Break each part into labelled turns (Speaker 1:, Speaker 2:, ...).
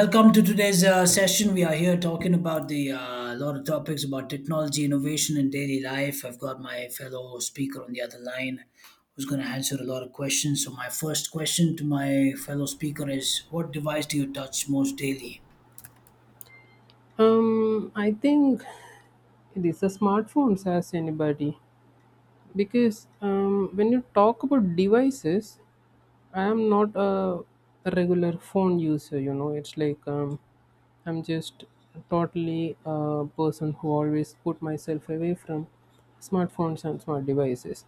Speaker 1: Welcome to today's session. We are here talking about the lot of topics about technology, innovation, and daily life. I've got my fellow speaker on the other line who's going to answer a lot of questions. So, my first question to my fellow speaker is, what device do you touch most daily?
Speaker 2: I think it is the smartphones as anybody because when you talk about devices, I am not a regular phone user. You know, it's like I'm just totally a person who always put myself away from smartphones and smart devices.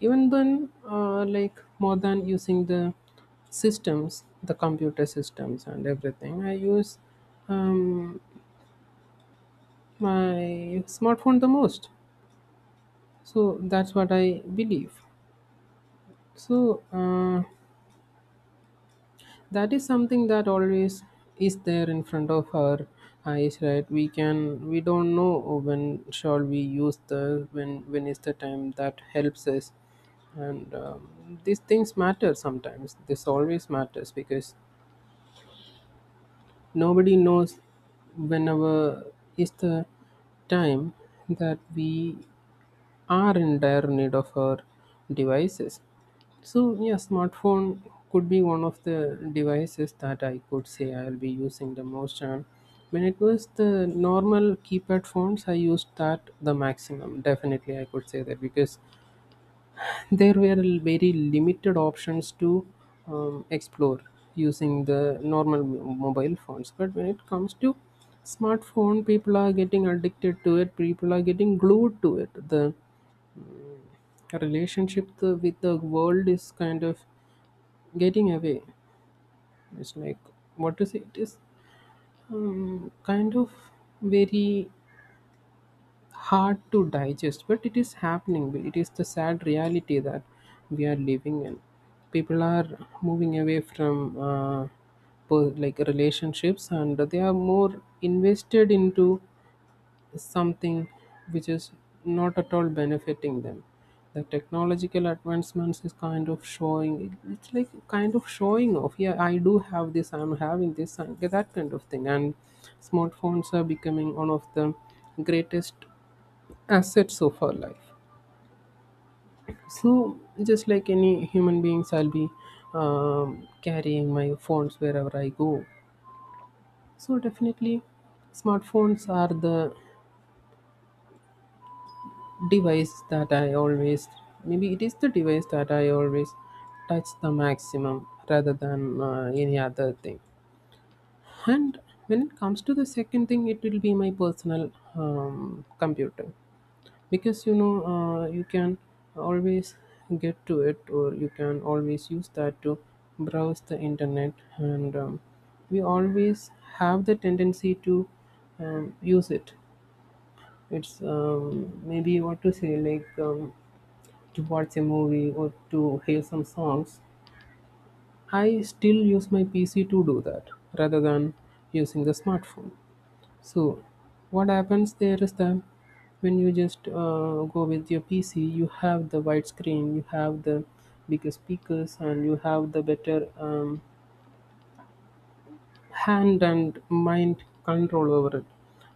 Speaker 2: Even then, like more than using the systems, the computer systems and everything, I use um, my smartphone the most. So that's what I believe. So that is something that always is there in front of our eyes, right? We don't know when shall we use the when is the time that helps us. And these things matter sometimes. This always matters because nobody knows whenever is the time that we are in dire need of our devices. So yeah, smartphone could be one of the devices that I could say I'll be using the most. And when it was the normal keypad phones, I used that the maximum. Definitely, I could say that because there were very limited options to explore using the normal mobile phones. But when it comes to smartphone, people are getting addicted to it. People are getting glued to it. The our relationship with the world is kind of getting away. It's like, what to say? It is kind of very hard to digest, but it is happening. It is the sad reality that we are living in. People are moving away from like relationships, and they are more invested into something which is not at all benefiting them. The technological advancements is kind of showing, it's like kind of showing off. Yeah, I do have this, I'm having this and that kind of thing. And smartphones are becoming one of the greatest assets of our life. So just like any human beings, I'll be carrying my phones wherever I go. So definitely smartphones are the device that I always, maybe it is the device that I always touch the maximum rather than any other thing. And when it comes to the second thing, it will be my personal computer, because you can always get to it, or you can always use that to browse the internet. And we always have the tendency to use it. It's maybe, what to say, like, to watch a movie or to hear some songs. I still use my PC to do that rather than using the smartphone. So, what happens there is that when you just go with your PC, you have the wide screen, you have the bigger speakers, and you have the better hand and mind control over it,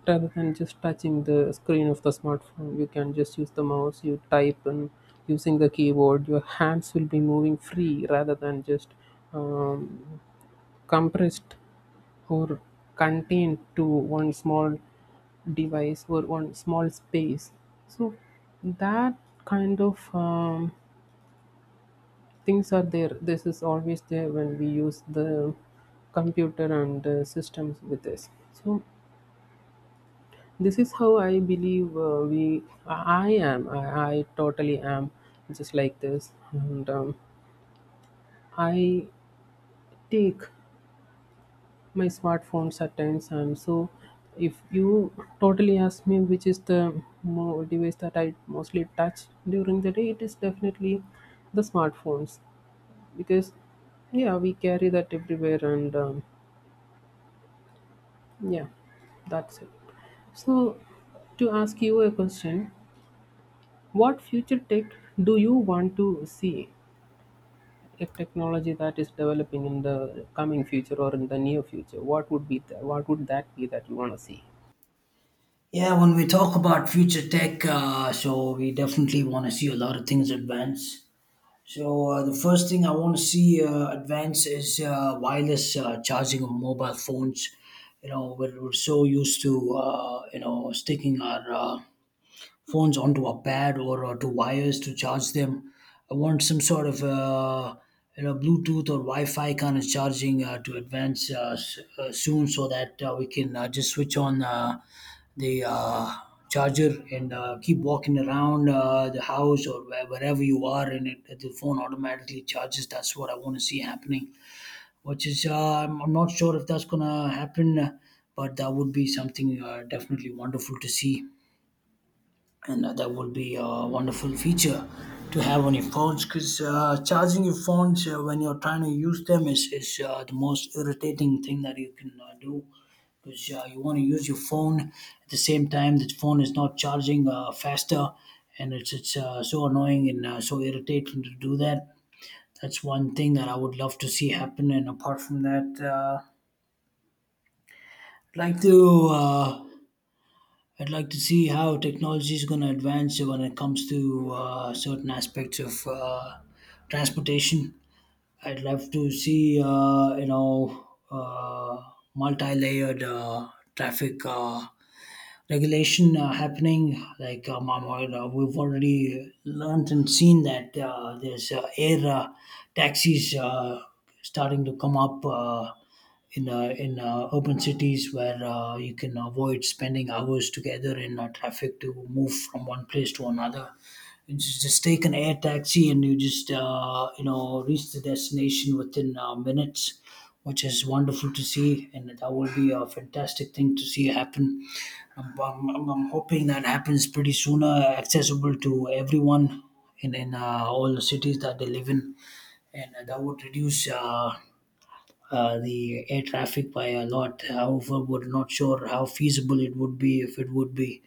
Speaker 2: rather than just touching the screen of the smartphone. You can just use the mouse, you type, and using the keyboard your hands will be moving free, rather than just um, compressed or contained to one small device or one small space. So that kind of things are there. This is always there when we use the computer and systems with this. So this is how I believe. Uh, we i am I, I totally am just like this. And I take my smartphones at times. And so if you totally ask me which is the device that I mostly touch during the day, it is definitely the smartphones, because yeah, we carry that everywhere. And yeah, that's it. So, to ask you a question, what future tech do you want to see? A technology that is developing in the coming future or in the near future. What would what would that be that you want to see?
Speaker 1: Yeah, when we talk about future tech, so we definitely want to see a lot of things advance. So the first thing I want to see advance is wireless charging of mobile phones. You know, we're so used to you know, sticking our phones onto a pad or to wires to charge them. I want some sort of you know, Bluetooth or Wi-Fi kind of charging to advance soon, so that we can just switch on the charger and keep walking around the house or wherever you are, and the phone automatically charges. That's what I want to see happening. Which is, I'm not sure if that's gonna happen, but that would be something definitely wonderful to see, and that would be a wonderful feature to have on your phones, because charging your phones when you're trying to use them is the most irritating thing that you can do, because you want to use your phone at the same time the phone is not charging faster, and it's so annoying and so irritating to do that. That's one thing that I would love to see happen. And apart from that, I'd like to uh, I'd like to see how technology is going to advance when it comes to certain aspects of transportation. I'd love to see, multi-layered traffic regulation happening. We've already learned and seen that there's air taxis starting to come up in urban cities where you can avoid spending hours together in traffic to move from one place to another. You just take an air taxi and you just you know, reach the destination within minutes, which is wonderful to see, and that will be a fantastic thing to see happen. I'm hoping that happens pretty soon, accessible to everyone in all the cities that they live in. And that would reduce the air traffic by a lot. However, we're not sure how feasible it would be, if it would be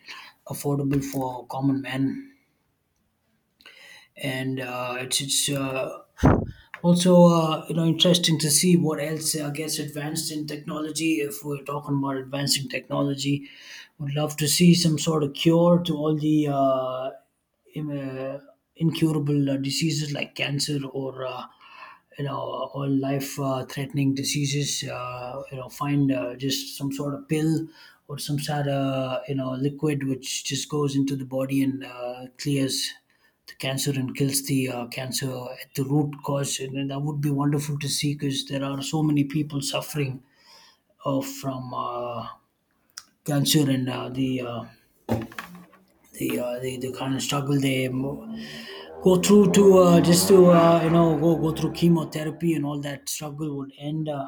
Speaker 1: affordable for common man. And it's also you know, interesting to see what else gets advanced in technology. If we're talking about advancing technology, would love to see some sort of cure to all the im- uh, incurable diseases like cancer, or you know, all life threatening diseases. You know, find just some sort of pill or some sort of, you know, liquid which just goes into the body and clears the cancer and kills the cancer at the root cause. And that would be wonderful to see, because there are so many people suffering from cancer, and the kind of struggle they go through to just to you know, go through chemotherapy, and all that struggle would end.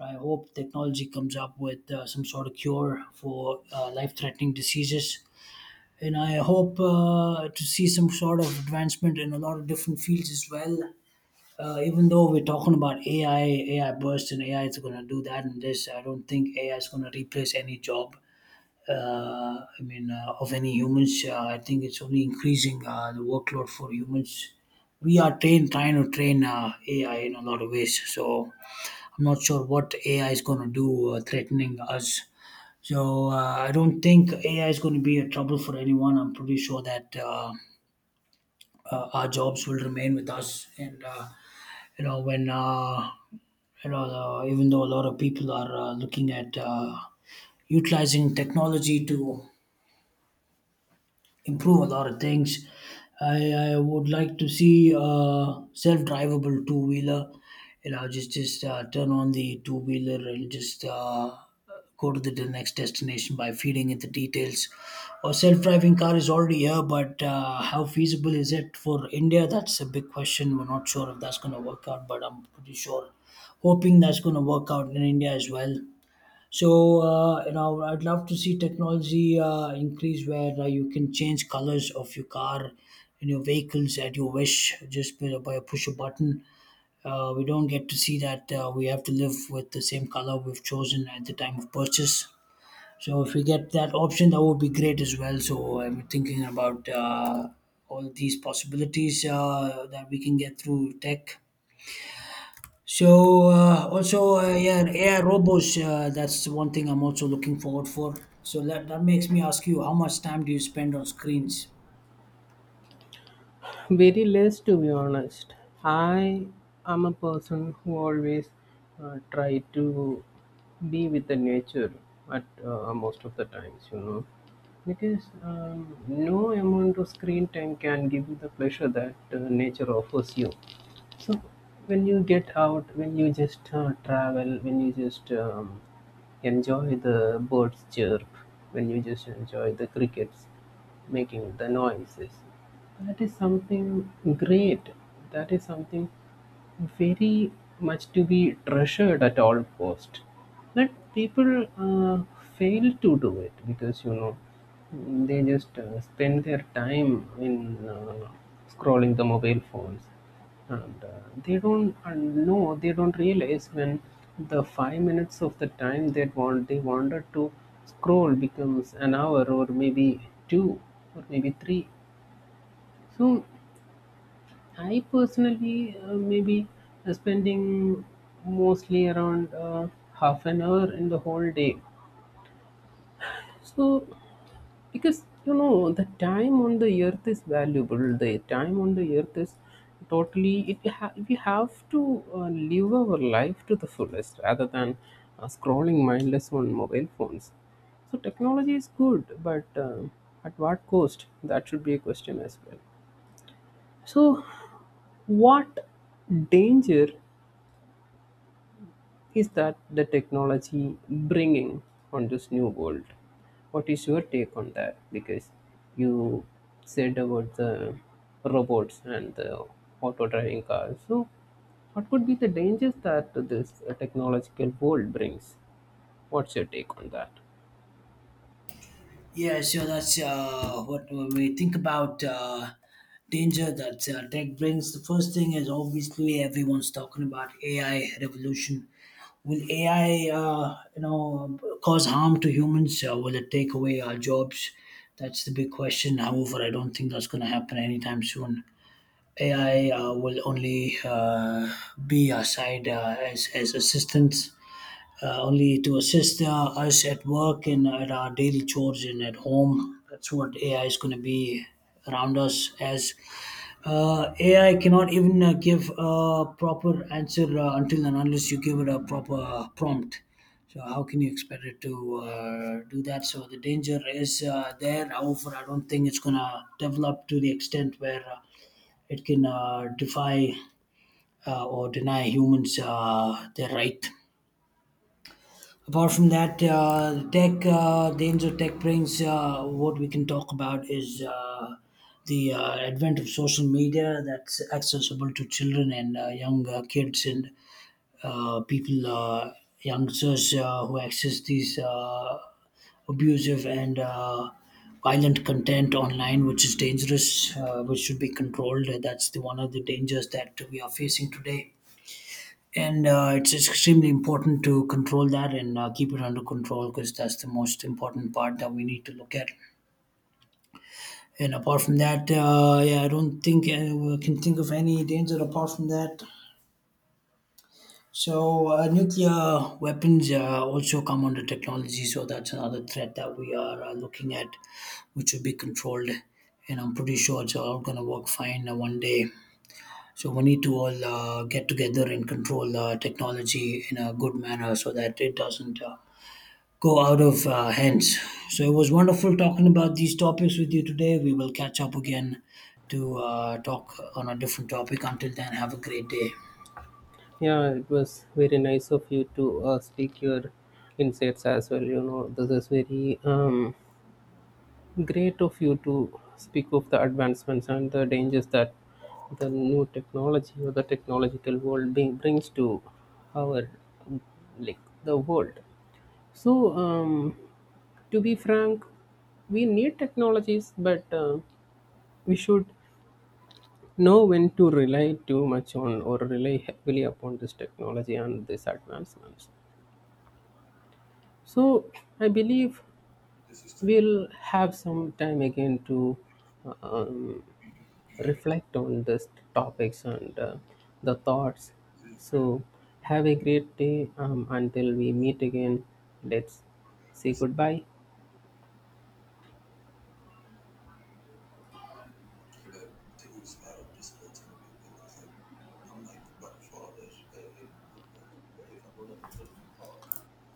Speaker 1: I hope technology comes up with some sort of cure for life threatening diseases. And I hope to see some sort of advancement in a lot of different fields as well. Even though we're talking about AI, AI burst and AI is going to do that and this, I don't think AI is going to replace any job. I mean, of any humans, I think it's only increasing the workload for humans. We are trained trying to train AI in a lot of ways, so I'm not sure what AI is going to do, threatening us. So I don't think AI is going to be a trouble for anyone. I'm pretty sure that our jobs will remain with us, and you know when. You know, even though a lot of people are looking at utilizing technology to improve a lot of things. I would like to see self-drivable two-wheeler. You know, just turn on the two-wheeler and just go to the next destination by feeding it the details. Or self-driving car is already here, but how feasible is it for India? That's a big question. We're not sure if that's going to work out, but I'm pretty sure, hoping that's going to work out in India as well. So you know, I'd love to see technology increase where you can change colors of your car and your vehicles at your wish, just by a push a button. We don't get to see that. We have to live with the same color we've chosen at the time of purchase. So if we get that option, that would be great as well. So I'm thinking about all these possibilities that we can get through tech. So also yeah, AI robots. That's one thing I'm also looking forward for. So that makes me ask you, how much time do you spend on screens?
Speaker 2: Very less, to be honest. I am a person who always try to be with the nature at most of the times, you know, because no amount of screen time can give you the pleasure that nature offers you. So when you get out, when you just travel, when you just enjoy the birds chirp, when you just enjoy the crickets making the noises, that is something great. That is something very much to be treasured at all cost. But people fail to do it, because you know they just spend their time in scrolling the mobile phones. And they don't realize when the 5 minutes of the time they wanted to scroll becomes an hour, or maybe two, or maybe three. So I personally, maybe spending mostly around half an hour in the whole day. So, because you know, the time on the earth is valuable. The time on the earth is totally. We have to live our life to the fullest, rather than scrolling mindless on mobile phones. So technology is good, but at what cost? That should be a question as well. So, what danger is that the technology bringing on this new world? What is your take on that? Because you said about the robots and the auto driving cars. So what could be the dangers that this technological world brings? What's your take on that?
Speaker 1: Yeah, so that's what when we think about danger that tech brings. The first thing is obviously everyone's talking about AI revolution. Will AI, you know, cause harm to humans? Will it take away our jobs? That's the big question. However, I don't think that's going to happen anytime soon. AI will only be assigned as assistants, only to assist us at work and at our daily chores and at home. That's what AI is going to be around us as AI cannot even give a proper answer until and unless you give it a proper prompt. So how can you expect it to do that? So the danger is there. However, I don't think it's gonna develop to the extent where it can defy or deny humans their right. Apart from that, the ends tech brings, what we can talk about is the advent of social media that's accessible to children and young kids and people, youngsters who access these abusive and violent content online, which is dangerous, which should be controlled. That's the one of the dangers that we are facing today, and it's extremely important to control that and keep it under control, because that's the most important part that we need to look at. And apart from that, yeah, I don't think I can think of any danger apart from that. So, nuclear weapons also come under technology. So, that's another threat that we are looking at, which will be controlled. And I'm pretty sure it's all going to work fine one day. So, we need to all get together and control technology in a good manner, so that it doesn't go out of hands. So, it was wonderful talking about these topics with you today. We will catch up again to talk on a different topic. Until then, have a great day.
Speaker 2: Yeah, it was very nice of you to speak your insights as well. You know, this is very great of you to speak of the advancements and the dangers that the new technology or the technological world brings to our, like, the world. So, to be frank, we need technologies, but we should know when to rely too much on, or rely heavily upon this technology and these advancements. So, I believe we'll have some time again to uh, um, reflect on these topics and the thoughts. So, have a great day, until we meet again. Let's say goodbye.